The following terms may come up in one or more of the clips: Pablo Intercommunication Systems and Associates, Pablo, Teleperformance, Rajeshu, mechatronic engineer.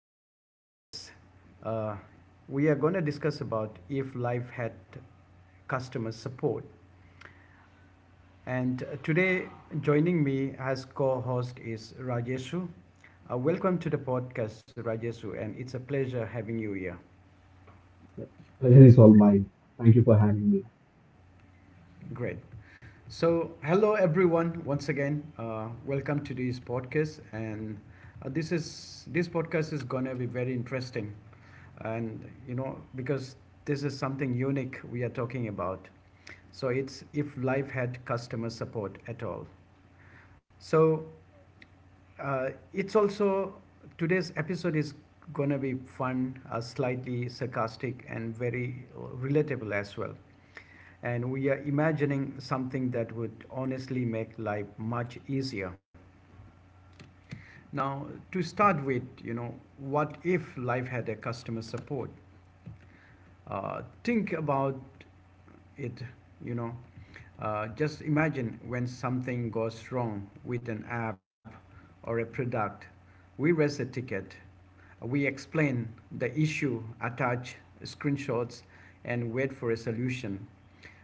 today's podcast. Uh, we are going to discuss about if life had customer support. And today, joining me as co-host is Rajeshu. Welcome to the podcast, Rajeshu, and it's a pleasure having you here. Yeah, pleasure is all mine. Thank you for having me. Great. So, hello everyone once again. Welcome to this podcast, and this podcast is gonna be very interesting and you know because this is something unique we are talking about, so it's if life had customer support at all. So it's also today's episode is going to be fun, slightly sarcastic and very relatable as well, and we are imagining something that would honestly make life much easier. Now, to start with, you know, what if life had a customer support? Think about it, you know. Just imagine when something goes wrong with an app or a product. We raise a ticket, we explain the issue, attach screenshots, and wait for a solution.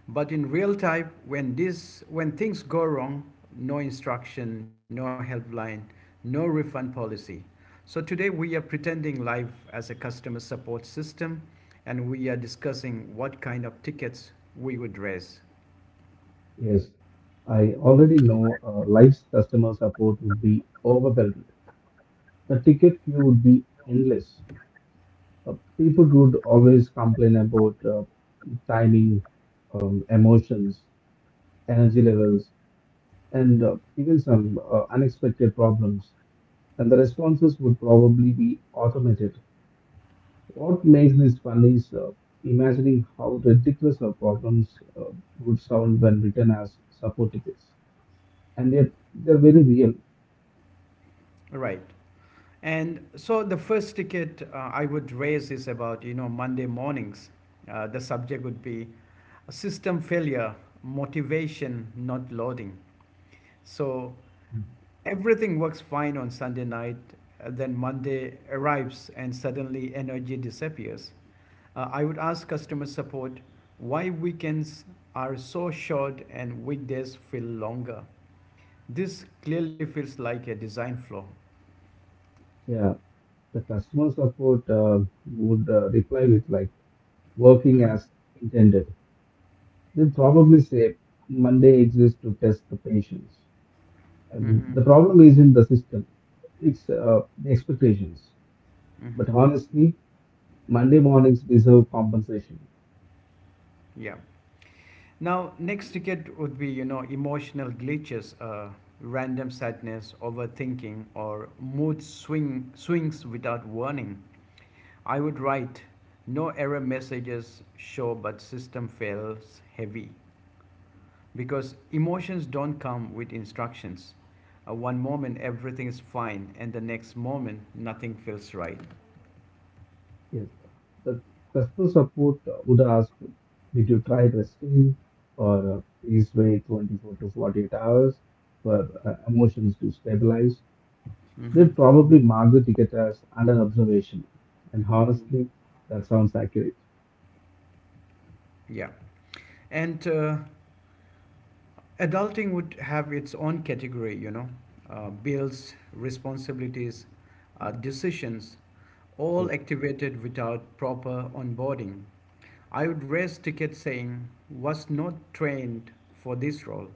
But in real time, when things go wrong, no instruction, no helpline, no refund policy. So today we are pretending live as a customer support system and we are discussing what kind of tickets we would raise. Yes, I already know life's customer support would be overwhelmed. The ticket queue would be endless. People would always complain about timing, emotions, energy levels, and even some unexpected problems. And the responses would probably be automated. What makes this fun is imagining how ridiculous our problems would sound when written as support tickets. And yet, they're very real. All right. And so the first ticket I would raise is about, you know, Monday mornings. The subject would be system failure, motivation, not loading. So Mhm. everything works fine on Sunday night, then Monday arrives and suddenly energy disappears. I would ask customer support why weekends are so short and weekdays feel longer. This clearly feels like a design flaw. Yeah, the customer support would reply with like working Mm-hmm. as intended. They'll probably say Monday exists to test the patience. And the Mm-hmm. problem isn't the system, it's the expectations. But Mm-hmm. honestly, Monday mornings deserve compensation. Yeah. Now, next ticket would be, you know, emotional glitches, random sadness, overthinking, or mood swing swings without warning. I would write, no error messages show, but system fails heavy because emotions don't come with instructions. One moment everything is fine, and the next moment nothing feels right. Yes. The customer support would ask, did you try resting or please wait 24 to 48 hours for emotions to stabilize? Mm-hmm. They'd probably mark the ticket as under observation. And Mm-hmm. honestly, that sounds accurate. Yeah. And adulting would have its own category, you know, bills, responsibilities, decisions, all Yes. activated without proper onboarding. I would raise tickets saying, was not trained for this role.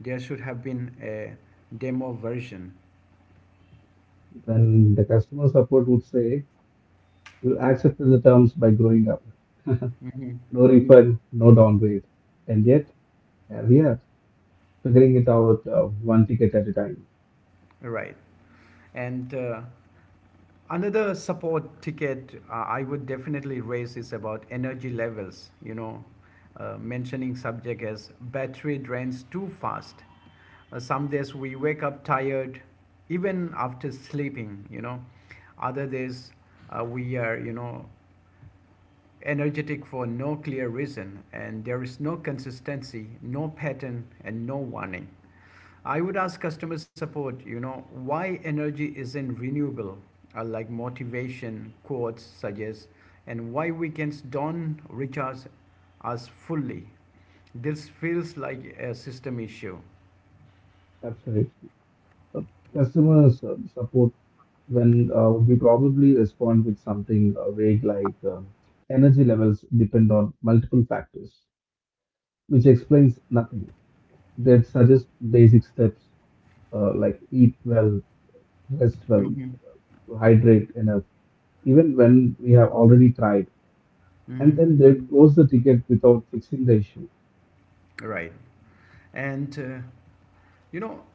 There should have been a demo version. Then the customer support would say, you accepted the terms by growing up. Hmm. No refund, no downgrade. And yet, here we are, figuring it out one ticket at a time. Right. And another support ticket I would definitely raise is about energy levels, you know, mentioning subject as battery drains too fast. Some days we wake up tired even after sleeping, you know. Other days we are, you know, energetic for no clear reason, and there is no consistency, no pattern and no warning. I would ask customer support, you know, why energy isn't renewable, like motivation quotes suggest, and why weekends don't recharge us fully. This feels like a system issue. Absolutely. uh, customer support when we probably respond with something vague like energy levels depend on multiple factors, which explains nothing. They'd suggest basic steps like eat well, rest well, Mhm. hydrate enough, even when we have already tried, and Mhm. then they'd close the ticket without fixing the issue. Right. And, you know,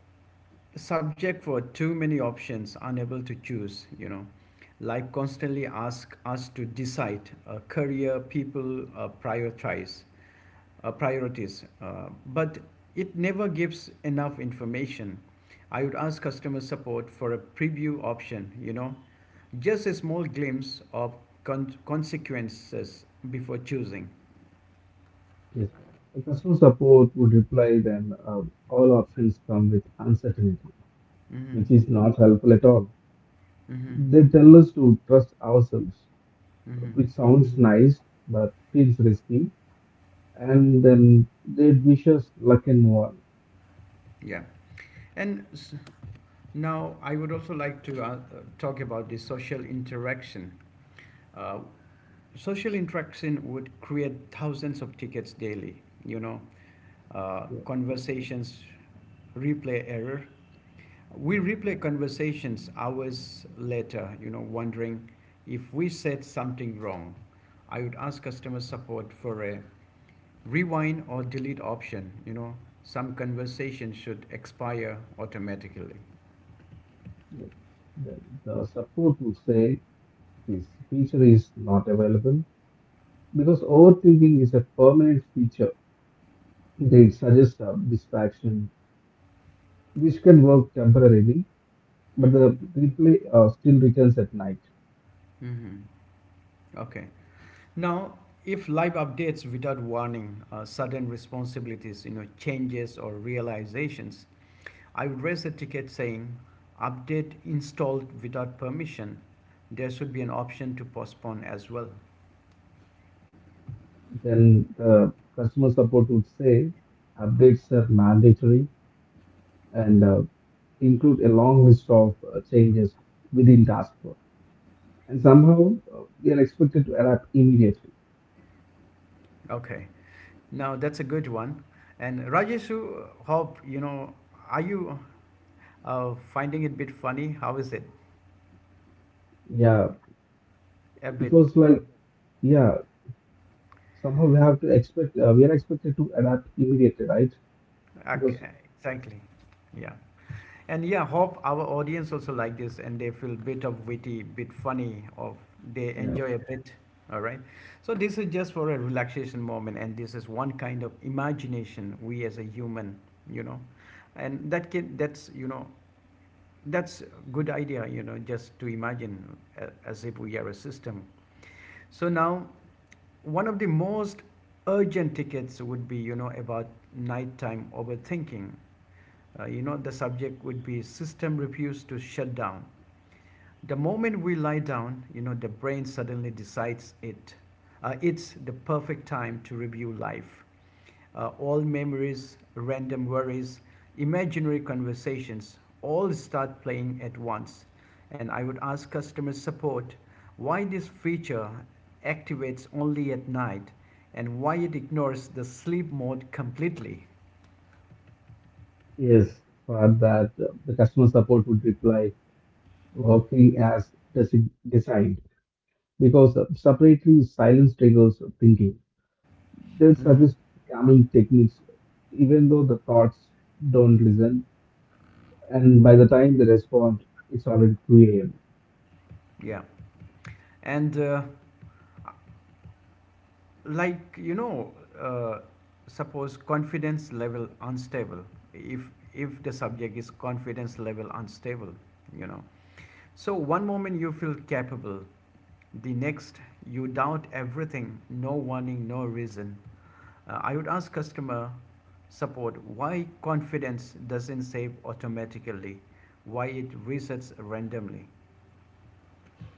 subject for too many options, unable to choose, you know. Life constantly ask us to decide, career, people, prioritize. Priorities, but it never gives enough information. I would ask customer support for a preview option, you know, just a small glimpse of consequences before choosing. Yes. The customer support would reply then all options come with uncertainty, which Hmm. is not helpful at all. Hmm. They tell us to trust ourselves, Hmm. which sounds nice but feels risky. And then they wish us luck and more. Yeah. And s- Now I would also like to talk about the social interaction. Uh, Social interaction would create thousands of tickets daily, you know, Yeah, conversations, replay error. We yeah, replay conversations hours later, you know, wondering if we said something wrong. I would ask customer support for a rewind or delete option. You know, some conversations should expire automatically. yeah. Then the support would say this feature is not available because overthinking is a permanent feature. They suggest a distraction, which can work temporarily, but Mm-hmm. the replay still returns at night. Mm-hmm. Okay. Now, if live updates without warning, sudden responsibilities, you know, changes or realizations, I would raise a ticket saying update installed without permission. There should be an option to postpone as well. Then the customer support would say updates are mandatory and include a long list of changes within task force, and somehow we are expected to adapt immediately. Okay, now that's a good one. And Rajeshu, hope you know, are you finding it a bit funny? How is it? Yeah, A it bit. was like, yeah, somehow we have to expect we are expected to adapt immediately, right? Because Okay, exactly. Yeah. And yeah, hope our audience also like this and they feel bit of witty, bit funny, or they yeah, enjoy a bit. All right. So this is just for a relaxation moment, and this is one kind of imagination we as a human, you know, and that's good idea, you know, just to imagine as if we are a system. So now one of the most urgent tickets would be, you know, about nighttime overthinking. You know, the subject would be system refuse to shut down. The moment we lie down, you know, the brain suddenly decides it. It's the perfect time to review life. All memories, random worries, imaginary conversations all start playing at once. And I would ask customer support why this feature activates only at night and why it ignores the sleep mode completely. yes, for that the customer support would reply working as designed because separately silence triggers thinking. They'll suggest calming techniques even though the thoughts don't listen. And by the time they respond, it's already 2 a.m. Yeah. And like you know, uh, suppose confidence level unstable, if the subject is confidence level unstable, you know. So one moment you feel capable, the next you doubt everything, no warning, no reason. I would ask customer support why confidence doesn't save automatically, why it resets randomly.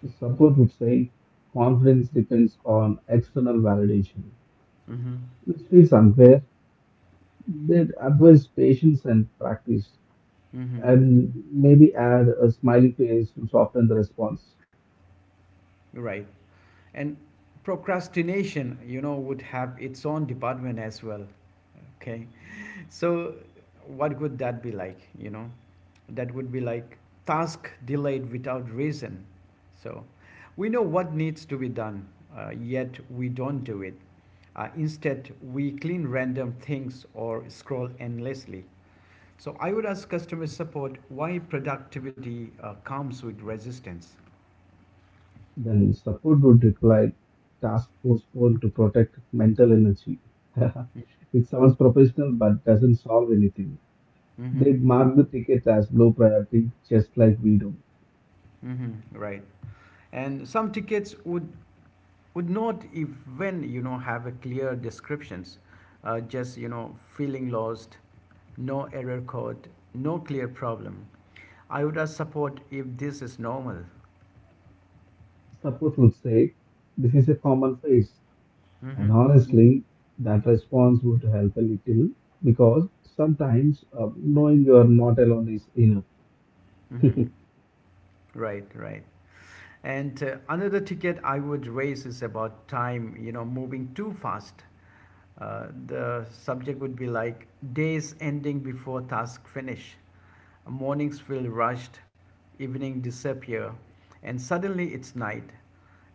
The support would say confidence depends on external validation, Mm-hmm. which feels unfair. They'd advise patience and practice, Mm-hmm. and maybe add a smiley face to soften the response. Right. And procrastination, you know, would have its own department as well. Okay. So what would that be like? You know, that would be like task delayed without reason. So we know what needs to be done, yet we don't do it. Instead, we clean random things or scroll endlessly. So I would ask customer support why productivity comes with resistance. Then support would reply, task postponed to protect mental energy. It sounds professional but doesn't solve anything. Mm-hmm. They'd mark the ticket as low priority, just like we do. Mm-hmm. Right. And some tickets would not even, you know, have a clear descriptions, just you know, feeling lost, no error code, no clear problem. I would ask support if this is normal. Support would say, this is a common phase, Mm-hmm. and honestly, that response would help a little because sometimes knowing you are not alone is enough. Mm-hmm. Right. Right. And another ticket I would raise is about time, you know, moving too fast. uh, the subject would be like days ending before task finish, mornings feel rushed, evening disappear, and suddenly it's night.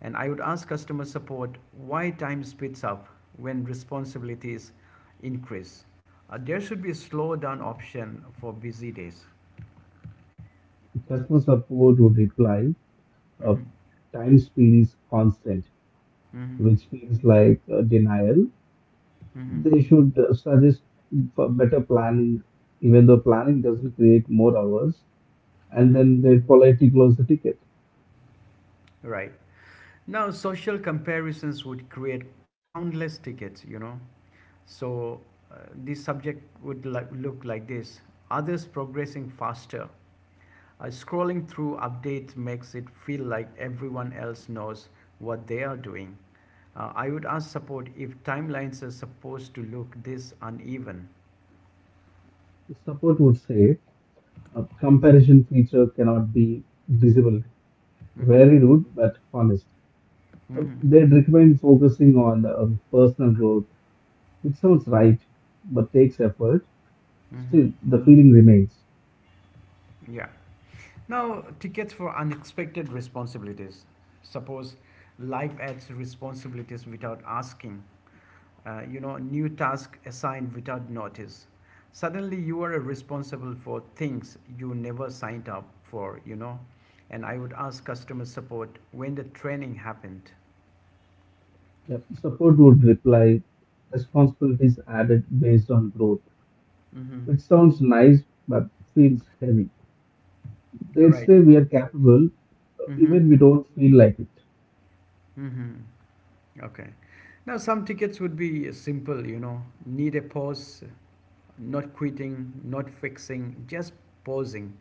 And I would ask customer support why time speeds up when responsibilities increase. There should be a slow down option for busy days. If customer support would reply, uh, Mhm. time speed is constant, Mhm. which feels like denial. Mhm. They should suggest for better planning, even though planning doesn't create more hours, and Mhm. then they politely close the ticket. Right. Now, social comparisons would create countless tickets, you know. So, uh, this subject would like, look like this: others progressing faster. Scrolling through updates makes it feel like everyone else knows what they are doing. I would ask support if timelines are supposed to look this uneven. Support would say, a comparison feature cannot be visible. Hmm. Very rude but honest. Hmm. They'd recommend focusing on personal growth, which sounds right but takes effort. Hmm. Still, the feeling remains. Yeah. Now, tickets for unexpected responsibilities. Suppose life adds responsibilities without asking, you know, new task assigned without notice. Suddenly, you are responsible for things you never signed up for, you know. And I would ask customer support when the training happened. Yep. Support would reply, responsibilities added based on growth, Hmm. which sounds nice but feels heavy. They'd Right. say we are capable Mm-hmm. even we don't feel like it. Mm-hmm. Okay. Now, some tickets would be simple, you know, need a pause, not quitting, not fixing, just pausing.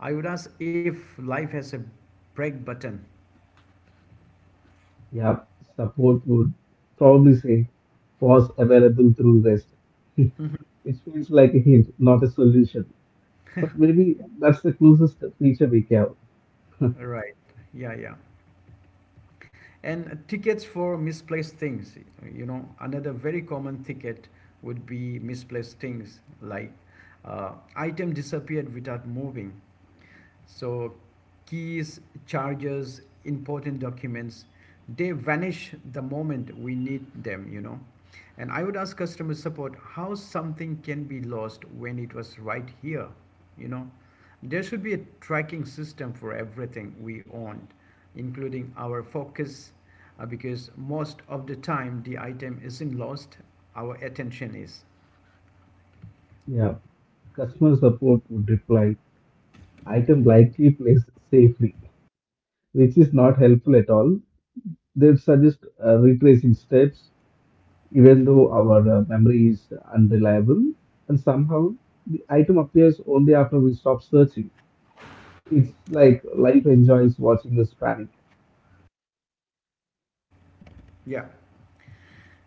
I would ask if life has a break button. Yeah, support would probably say pause available through rest. It feels like a hint, not a solution. But maybe that's the closest feature we got. Right. Yeah, yeah. And tickets for misplaced things, you know, another very common ticket would be misplaced things like item disappeared without moving. So keys, charges, important documents, they vanish the moment we need them, you know. And I would ask customer support how something can be lost when it was right here, you know. There should be a tracking system for everything we owned, including our focus, because most of the time the item isn't lost, our attention is. Yeah, customer support would reply, item likely placed safely, which is not helpful at all. They'd suggest retracing steps, even though our memory is unreliable, and somehow the item appears only after we stop searching. It's like life enjoys watching us panic. Yeah.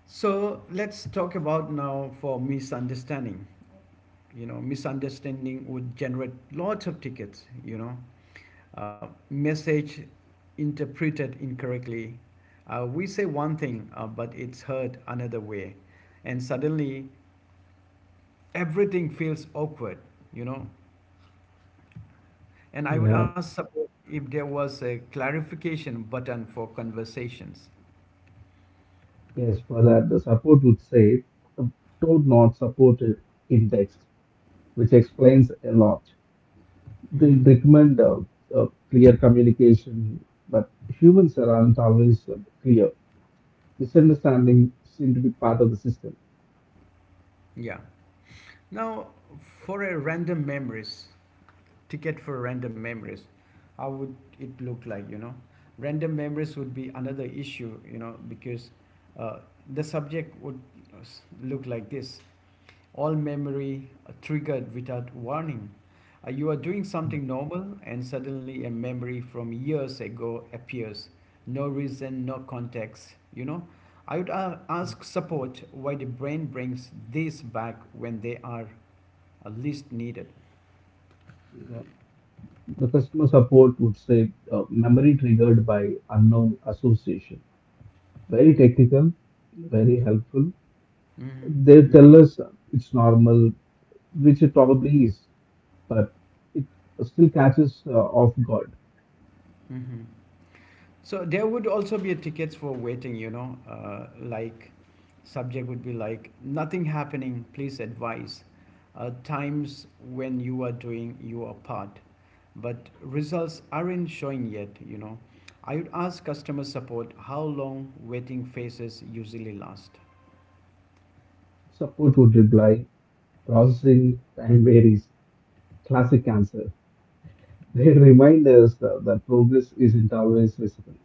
So let's talk about now for misunderstanding. You know, misunderstanding would generate lots of tickets, you know, message interpreted incorrectly. We say one thing, but it's heard another way, and suddenly everything feels awkward, you know. And I would Yeah, ask support if there was a clarification button for conversations. yes, for that, the support would say, "Uh, told not supported in text," which explains a lot. They Hmm. recommend clear communication, but humans aren't always clear. Misunderstanding seem to be part of the system. Yeah. Now, for a random memories, ticket for random memories, how would it look like, you know? Random memories would be another issue, you know, because uh, the subject would look like this: all memory triggered without warning. You are doing Yeah. something normal and suddenly a memory from years ago appears, no reason no context, you know. I would ask support why the brain brings this back when they are least needed. Yeah. The customer support would say memory triggered by unknown association. Very technical, very helpful. Hmm. They tell us it's normal, which it probably is, but it still catches off guard. Hmm. So there would also be tickets for waiting, you know, like subject would be like nothing happening, please advise. Times when you are doing your part, but results aren't showing yet, you know. I would ask customer support how long waiting phases usually last. Support would reply, processing time varies. Classic answer. They remind us that progress isn't always visible,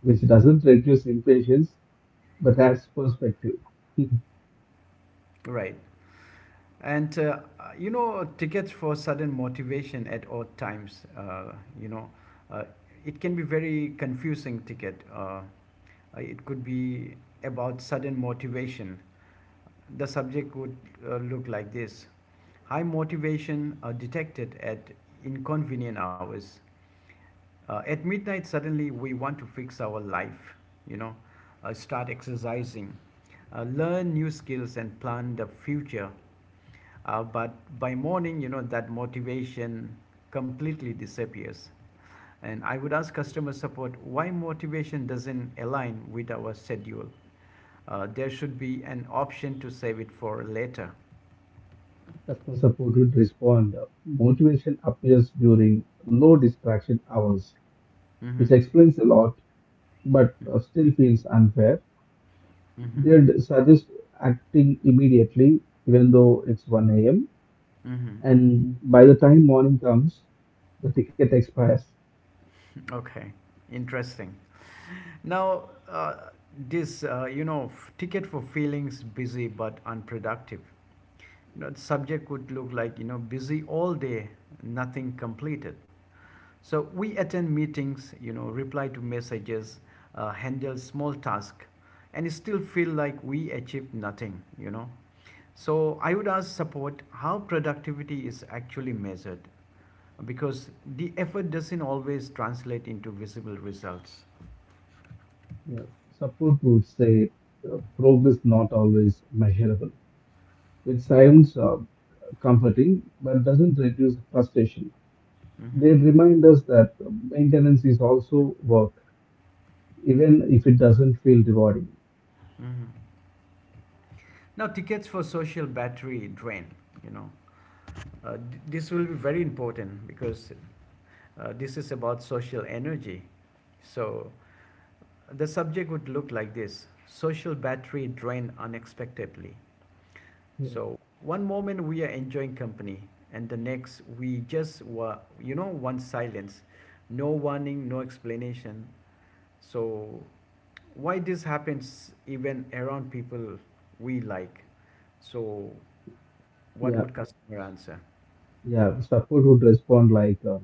which doesn't reduce impatience but adds perspective. Right. And you know, tickets for sudden motivation at odd times. You know, uh, it can be very confusing ticket. It could be about sudden motivation. The subject would look like this: high motivation are detected at inconvenient hours. At midnight, suddenly we want to fix our life, you know, start exercising, learn new skills, and plan the future. But by morning, you know, that motivation completely disappears. And I would ask customer support why motivation doesn't align with our schedule. There should be an option to save it for later. Customer support would respond. Motivation appears during low distraction hours, which Mm-hmm. explains a lot but still feels unfair. Mm-hmm. They'd suggest acting immediately, even though it's 1 a.m. Mm-hmm. And by the time morning comes, the ticket expires. Okay, interesting. Now, this, ticket for feelings busy but unproductive. You know, the subject would look like, you know, busy all day, nothing completed. So we attend meetings, you know, reply to messages, handle small tasks, and still feel like we achieved nothing, you know. So I would ask support how productivity is actually measured, because the effort doesn't always translate into visible results. Yeah. Support would say progress not always measurable, which sounds comforting but doesn't reduce frustration. Mhm. They remind us that maintenance is also work, even if it doesn't feel rewarding. Mhm. Now, tickets for social battery drain, you know, this will be very important, because this is about social energy. So the subject would look like this: social battery drain unexpectedly. Yeah, So one moment we are enjoying company, and the next we just want silence, no warning, no explanation. So why this happens even around people we like? So what yeah, would customer answer? yeah. Support would respond like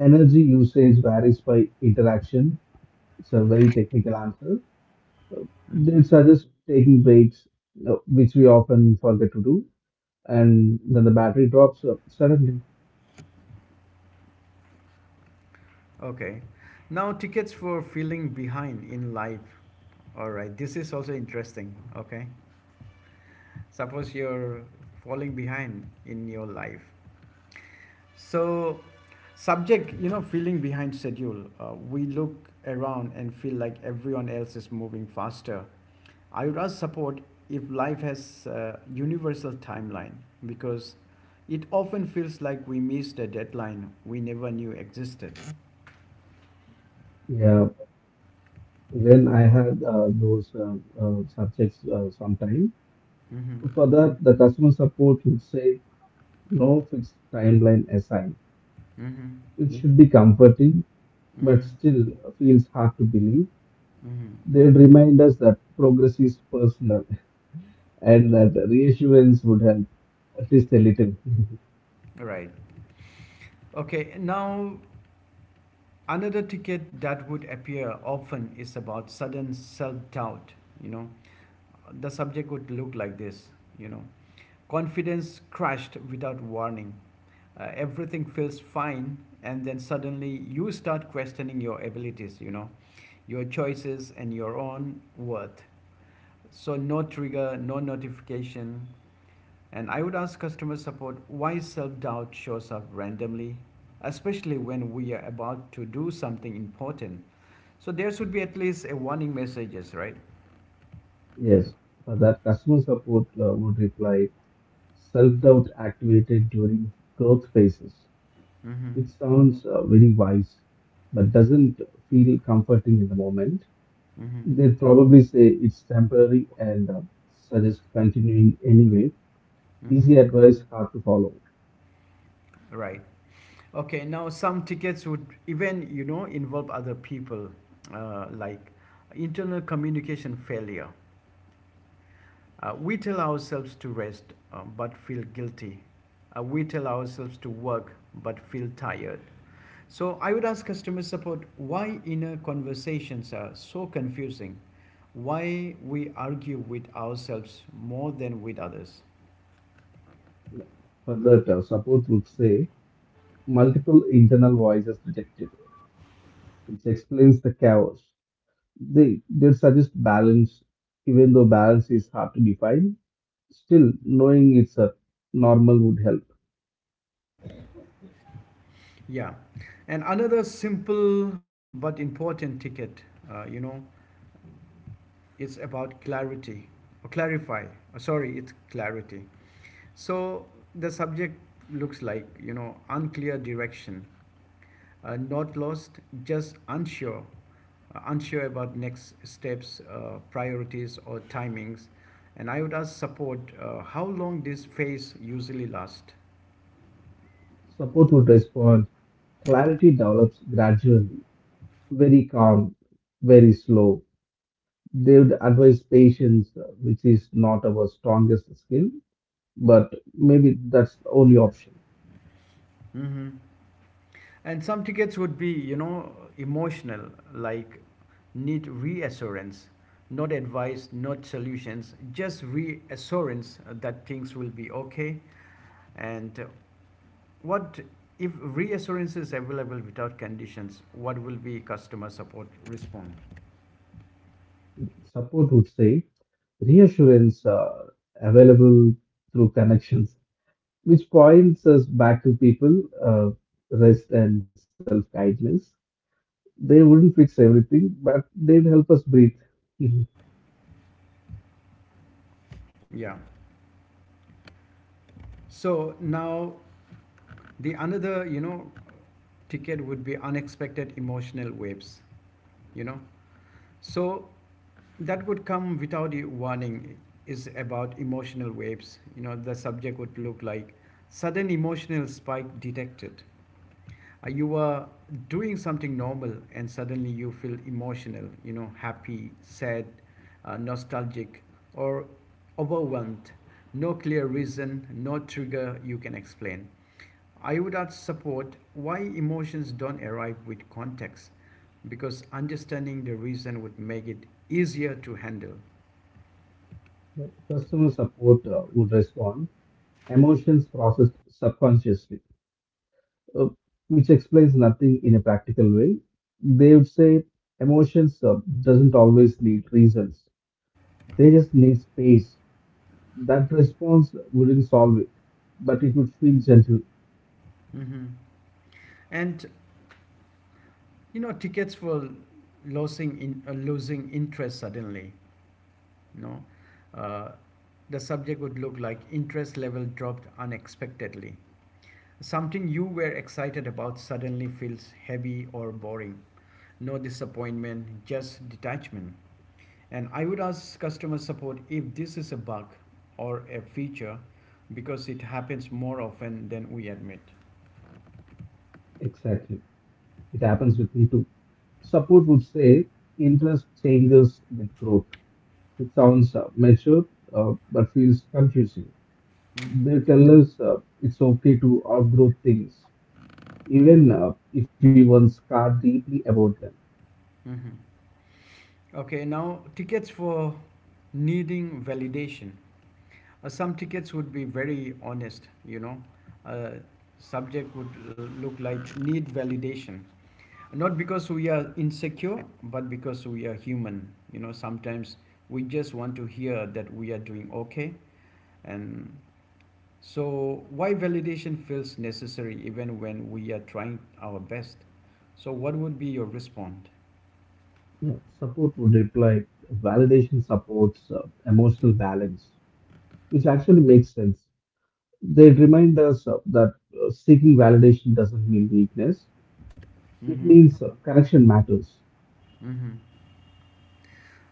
energy usage varies by interaction. It's a very technical answer. Uh, Mhm. They suggest taking breaks, which we often forget to do, and then the battery drops suddenly. Okay, now tickets for feeling behind in life. All right, this is also interesting. Okay, suppose you're falling behind in your life. So, subject, you know, feeling behind schedule. We look around and feel like everyone else is moving faster. I would ask support if life has a universal timeline, because it often feels like we missed a deadline we never knew existed. Yeah, when I had those subjects sometime, Mm-hmm. for that, the customer support would say no fixed timeline assigned, Mm-hmm. which should be comforting, but Mm-hmm. still feels hard to believe. Mm-hmm. They would remind us that progress is personal, and that reassurance would help at least a little. Right. Okay. Now, another ticket that would appear often is about sudden self doubt. You know, the subject would look like this, you know, confidence crashed without warning. Uh, everything feels fine and then suddenly you start questioning your abilities, you know, your choices and your own worth. So no trigger, no notification. And I would ask customer support why self-doubt shows up randomly, especially when we are about to do something important. So there should be at least a warning messages, right? Yes, for that, customer support would reply self doubt activated during growth phases, Mm-hmm. which sounds very wise but doesn't feel comforting in the moment. Mm-hmm. They'd probably say it's temporary and suggest continuing anyway. Mm-hmm. Easy advice, hard to follow. Right. Okay, now some tickets would even, you know, involve other people, like internal communication failure. We tell ourselves to rest but feel guilty. We tell ourselves to work but feel tired. So I would ask customer support why inner conversations are so confusing, why we argue with ourselves more than with others. Further, support would say multiple internal voices detected, which explains the chaos. They'd suggest balance, even though balance is hard to define. Still, knowing it's a normal would help. Yeah. And another simple but important ticket, you know, it's about clarity or clarify. Sorry, it's clarity. So the subject looks like, you know, unclear direction. Uh, not lost, just unsure, unsure about next steps, priorities or timings. And I would ask support how long this phase usually lasts. Support would respond. Clarity develops gradually, very calm, very slow. They would advise patience, which is not our strongest skill, but maybe that's the only option. Mm-hmm. And some tickets would be, you know, emotional, like need reassurance, not advice, not solutions, just reassurance that things will be okay. And what if reassurance is available without conditions, what will be customer support response? Support would say reassurance available through connections, which points us back to people, rest and self kindness. They wouldn't fix everything, but they'd help us breathe. Mhm. Yeah. So now the another, you know, ticket would be unexpected emotional waves, you know. So that would come without a warning, is about emotional waves. You know, the subject would look like sudden emotional spike detected. You are doing something normal and suddenly you feel emotional, you know, happy, sad, nostalgic, or overwhelmed. No clear reason, no trigger you can explain. I would ask support why emotions don't arrive with context, because understanding the reason would make it easier to handle. Customer support would respond, emotions processed subconsciously, uh, which explains nothing in a practical way. They would say emotions doesn't always need reasons. They just need space. That response wouldn't solve it, but it would feel gentle. Hmm. And you know, tickets for losing interest suddenly. You know, uh, the subject would look like interest level dropped unexpectedly. Something you were excited about suddenly feels heavy or boring. No disappointment, just detachment. And I would ask customer support if this is a bug or a feature, because it happens more often than we admit. Exactly. It happens with me too. Support would say interest changes with growth. It sounds mature but feels confusing. Hmm. They tell us it's okay to outgrow things, even if we once scarred deeply about them. Hmm. Okay, now tickets for needing validation. Some tickets would be very honest, you know. Uh, subject would look like need validation. Not because we are insecure, but because we are human. You know, sometimes we just want to hear that we are doing okay. And so, why validation feels necessary even when we are trying our best? So, what would be your response? Yeah, support would reply. Validation supports emotional balance, which actually makes sense. They remind us that seeking validation doesn't mean weakness, it Mm-hmm. means connection matters. Mm-hmm.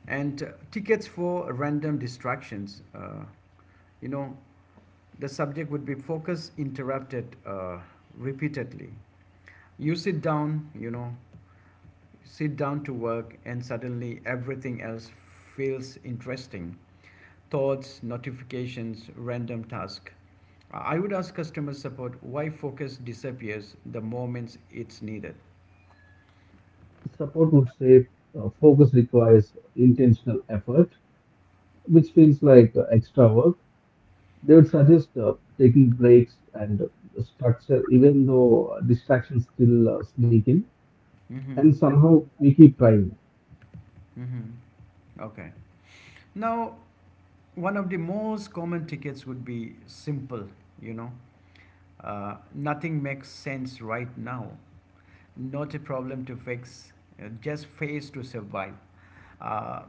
And tickets for random distractions. You know, the subject would be focus interrupted repeatedly. You sit down, you know, sit down to work, and suddenly everything else feels interesting. Thoughts, notifications, random task. I would ask customer support why focus disappears the moments it's needed. Support would say focus requires intentional effort, which feels like extra work. They would suggest taking breaks and structure, even though distractions still sneak in, Mm-hmm. and somehow we keep trying. Mm-hmm. Okay. Now, one of the most common tickets would be simple, you know, uh, nothing makes sense right now. Not a problem to fix, just phase to survive. Uh,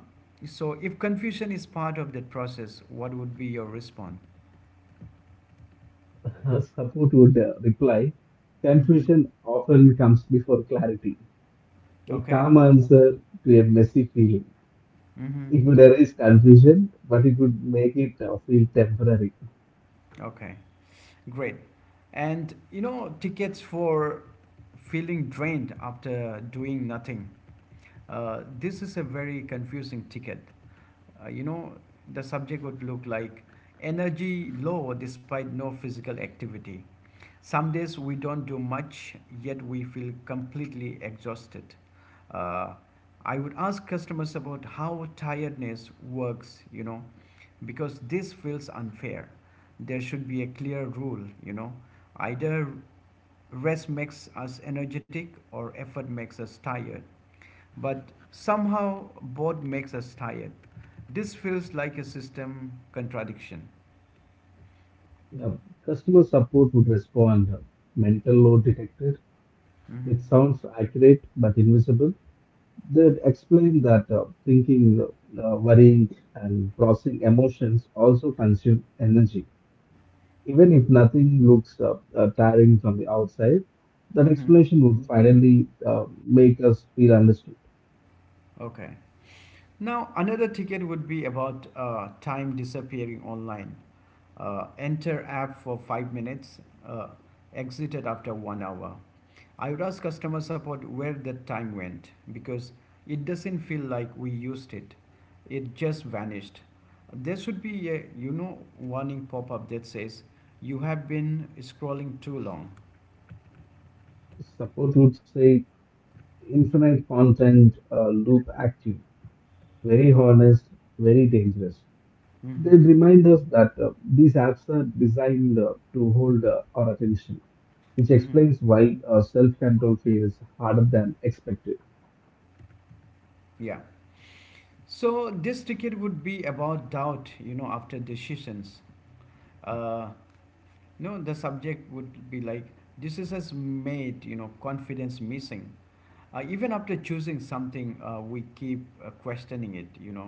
so, if confusion is part of that process, what would be your response? Her support would reply, Mm-hmm. confusion often comes before clarity. A Okay. calm answer to a messy feeling. Mm-hmm. It would arise confusion, but it would make it feel temporary. Okay. Great. And you know, tickets for feeling drained after doing nothing. This is a very confusing ticket. You know, the subject would look like energy low despite no physical activity. Some days we don't do much, yet we feel completely exhausted. Uh, I would ask customers about how tiredness works, you know, because this feels unfair. There should be a clear rule, you know. Either rest makes us energetic or effort makes us tired. But somehow both makes us tired. This feels like a system contradiction. Now, customer support would respond, mental load detected, which Mm-hmm. sounds accurate but invisible. They'd explain that thinking, worrying, and processing emotions also consume energy. Even if nothing looks tiring from the outside, that Mm-hmm. explanation would finally make us feel understood. Okay. Now, another ticket would be about time disappearing online. Enter app for 5 minutes, uh, exited after 1 hour. I would ask customer support where that time went, because it doesn't feel like we used it. It just vanished. There should be a, you know, warning pop up that says you have been scrolling too long. Support would say infinite content loop active, very honest, very dangerous. They Hmm. remind us that these apps are designed to hold our attention, which Hmm. explains why self-control feels harder than expected. Yeah. So this ticket would be about doubt, you know, after decisions. Uh, No, the subject would be like, this is has made, you know, confidence missing. Even after choosing something, we keep questioning it, you know.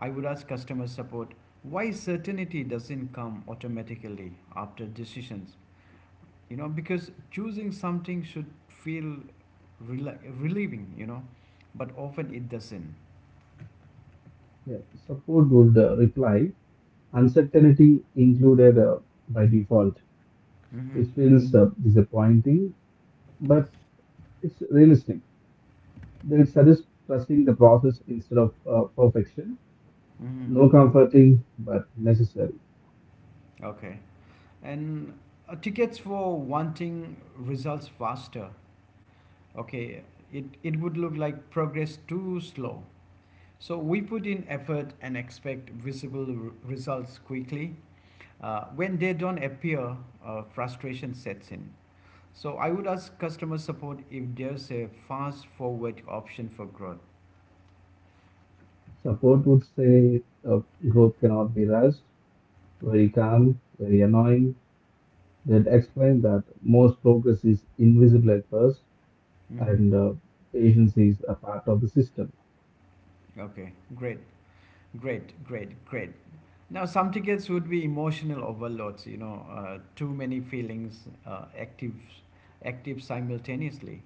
I would ask customer support, why certainty doesn't come automatically after decisions? You know, because choosing something should feel rela relieving, you know, but often it doesn't. Yeah, support would reply, uncertainty included by default, Mm-hmm. which feels disappointing, but it's realistic. They suggest trusting the process instead of perfection. Mm-hmm. No comforting, but necessary. Okay. And tickets for wanting results faster. Okay, it would look like progress too slow. So we put in effort and expect visible results quickly. Uh, when they don't appear, frustration sets in. So I would ask customer support if there's a fast forward option for growth. Support would say uh, growth cannot be rushed, very calm, very annoying. They'd explain that most progress is invisible at first, Hmm. and patience is a part of the system. Okay, great. Great, great, great. Now some tickets would be emotional overloads, you know. Uh, too many feelings active simultaneously.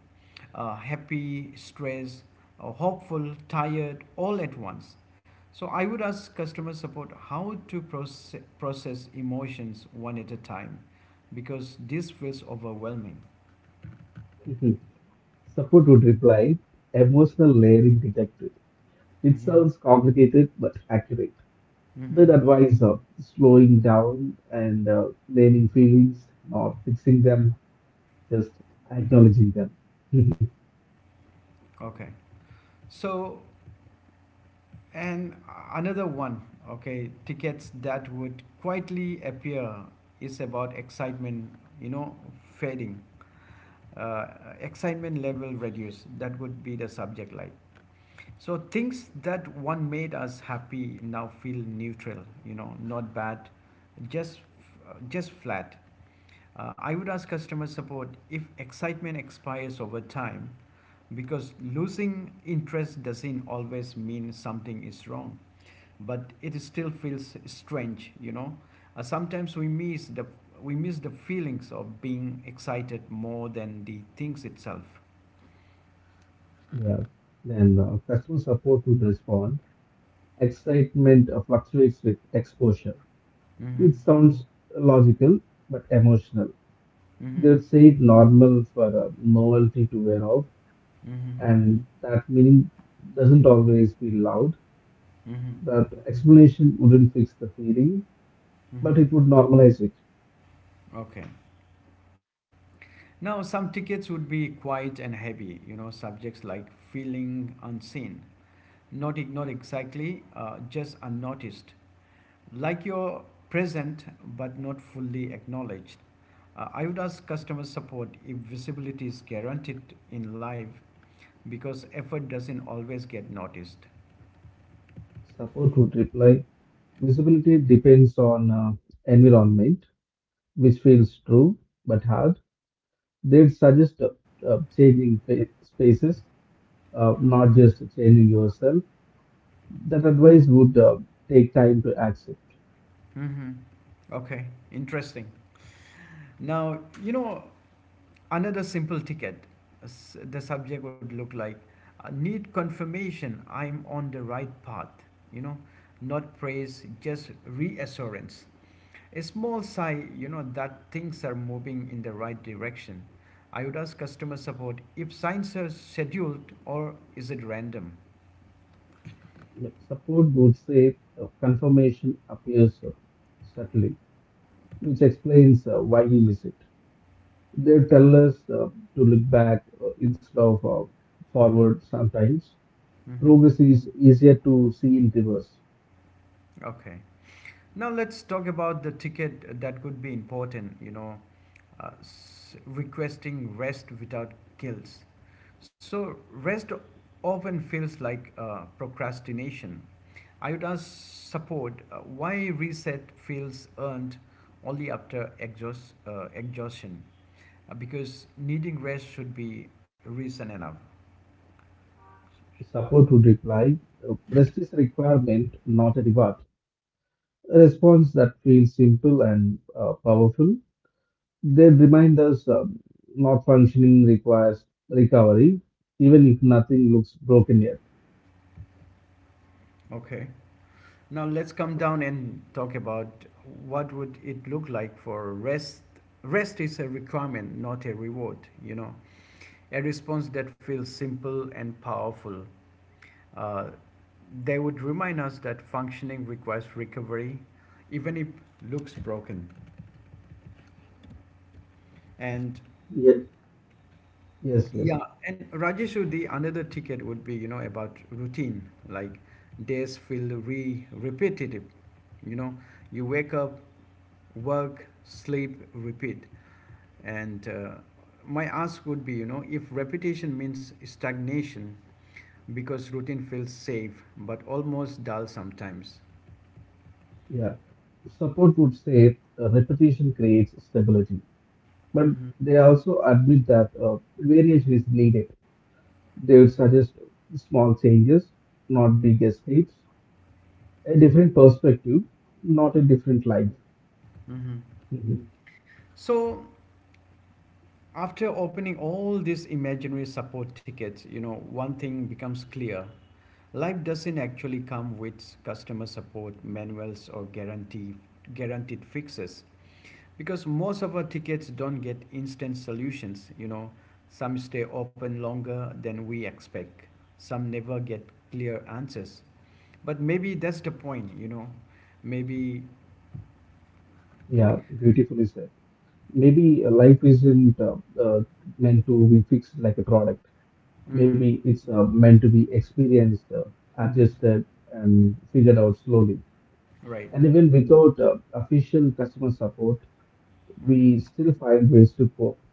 Uh, happy, stressed, hopeful, tired, all at once. So I would ask customer support how to process emotions one at a time, because this feels overwhelming. Mhm. Support would reply, emotional layering detected. It Hmm. sounds complicated but accurate. They'd Hmm. advise slowing down and naming feelings, not fixing them, just acknowledging them. Okay. So, and another one, okay, tickets that would quietly appear is about excitement, you know, fading. Uh, excitement level reduce. That would be the subject line. So things that one made us happy now feel neutral, you know, not bad, just just flat. I would ask customer support if excitement expires over time, because losing interest doesn't always mean something is wrong, but it still feels strange, you know. Sometimes we miss the feelings of being excited more than the things itself. Yeah. Then customer support would respond. Excitement fluctuates with exposure, Mm-hmm. which sounds logical but emotional. Mm-hmm. They'd say it normal for novelty to wear off, Mm-hmm. and that meaning doesn't always be loud. Mm-hmm. That explanation wouldn't fix the feeling, but Mm-hmm. it would normalize it. Okay. Now, some tickets would be quiet and heavy, you know, subjects like feeling unseen, not ignored exactly, just unnoticed, like you're present but not fully acknowledged. I would ask customer support if visibility is guaranteed in live, because effort doesn't always get noticed. Support would reply, visibility depends on environment, which feels true but hard. They'd suggest changing spaces, not just changing yourself. That advice would take time to accept. Mm-hmm. Okay, interesting. Now, you know, another simple ticket, the subject would look like need confirmation I'm on the right path, you know, not praise, just reassurance. A small sigh, you know, that things are moving in the right direction. I would ask customer support if signs are scheduled or is it random. Yet support would say confirmation appears subtly, which explains why we miss it. They tell us to look back instead of forward sometimes. Hmm. Progress is easier to see in reverse. Okay. Now let's talk about the ticket that could be important, you know, uh, requesting rest without guilt. So rest often feels like procrastination. I would ask support why reset feels earned only after exhaustion, because needing rest should be reason enough. Support would reply, rest is a requirement, not a reward. A response that feels simple and powerful. They remind us not functioning requires recovery, even if nothing looks broken yet. Okay. Now let's come down and talk about what would it look like for rest. Rest is a requirement, not a reward. You know, a response that feels simple and powerful. Uh, They would remind us that functioning requires recovery, even if looks broken. And Yet, yes, yes, yeah, and Rajeshu, the another ticket would be, you know, about routine. Like days feel re repetitive. You know, you wake up, work, sleep, repeat. And my ask would be, you know, if repetition means stagnation, because routine feels safe but almost dull sometimes. yeah. Support would say repetition creates stability, but Mm-hmm. they also admit that variation is needed. They would suggest small changes, not big escapes. A different perspective, not a different life. Mm-hmm. Mhm. So after opening all these imaginary support tickets, you know, one thing becomes clear. Life doesn't actually come with customer support manuals or guaranteed fixes, because most of our tickets don't get instant solutions, you know. Some stay open longer than we expect. Some never get clear answers. But maybe that's the point, you know. Maybe Yeah, beautifully said. Maybe life isn't meant to be fixed like a product. mhm. Maybe it's meant to be experienced, Mhm. adjusted, and figured out slowly. Right. And even without official customer support, Mhm. we still find ways to cope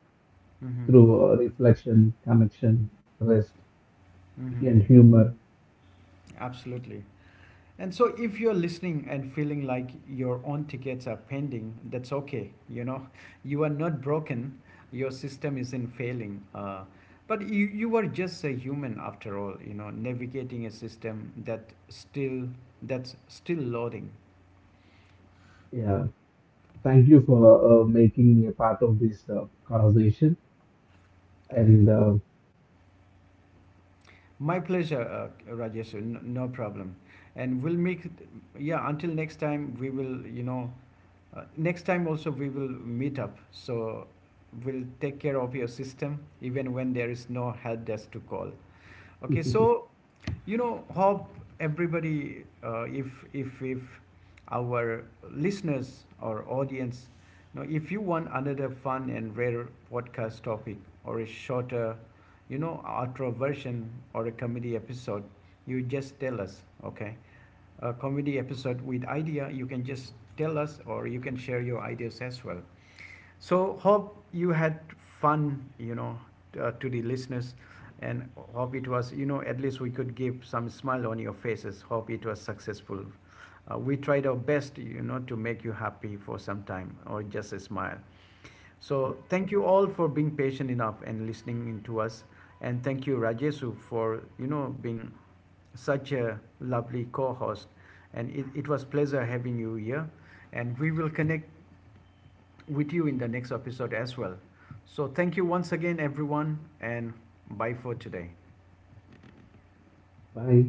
Mhm. through reflection, connection, rest, Mhm. and humor. Absolutely. And so, if you're listening and feeling like your own tickets are pending, that's okay. You know, you are not broken, your system isn't failing. But you are just a human after all, you know, navigating a system that still that's still loading. Yeah. Thank you for making me a part of this conversation and My pleasure, Rajesh. No problem. And we'll make, it- Yeah. Until next time, we will, you know, uh, next time also we will meet up. So we'll take care of your system even when there is no help desk to call. Okay, so you know, hope everybody, uh, if our listeners or audience, you know, if you want another fun and rare podcast topic or a shorter, you know, outro version or a comedy episode, you just tell us. Okay, a comedy episode with idea, you can just tell us or you can share your ideas as well. So hope you had fun, you know, to the listeners, and hope it was, you know, at least we could give some smile on your faces. Hope it was successful. We tried our best, you know, to make you happy for some time or just a smile. Yeah. So thank you all for being patient enough and listening in to us. And thank you, Rajesu, for, you know, being such a lovely co-host, and it was pleasure having you here, and we will connect with you in the next episode as well. So thank you once again everyone, and bye for today. Bye.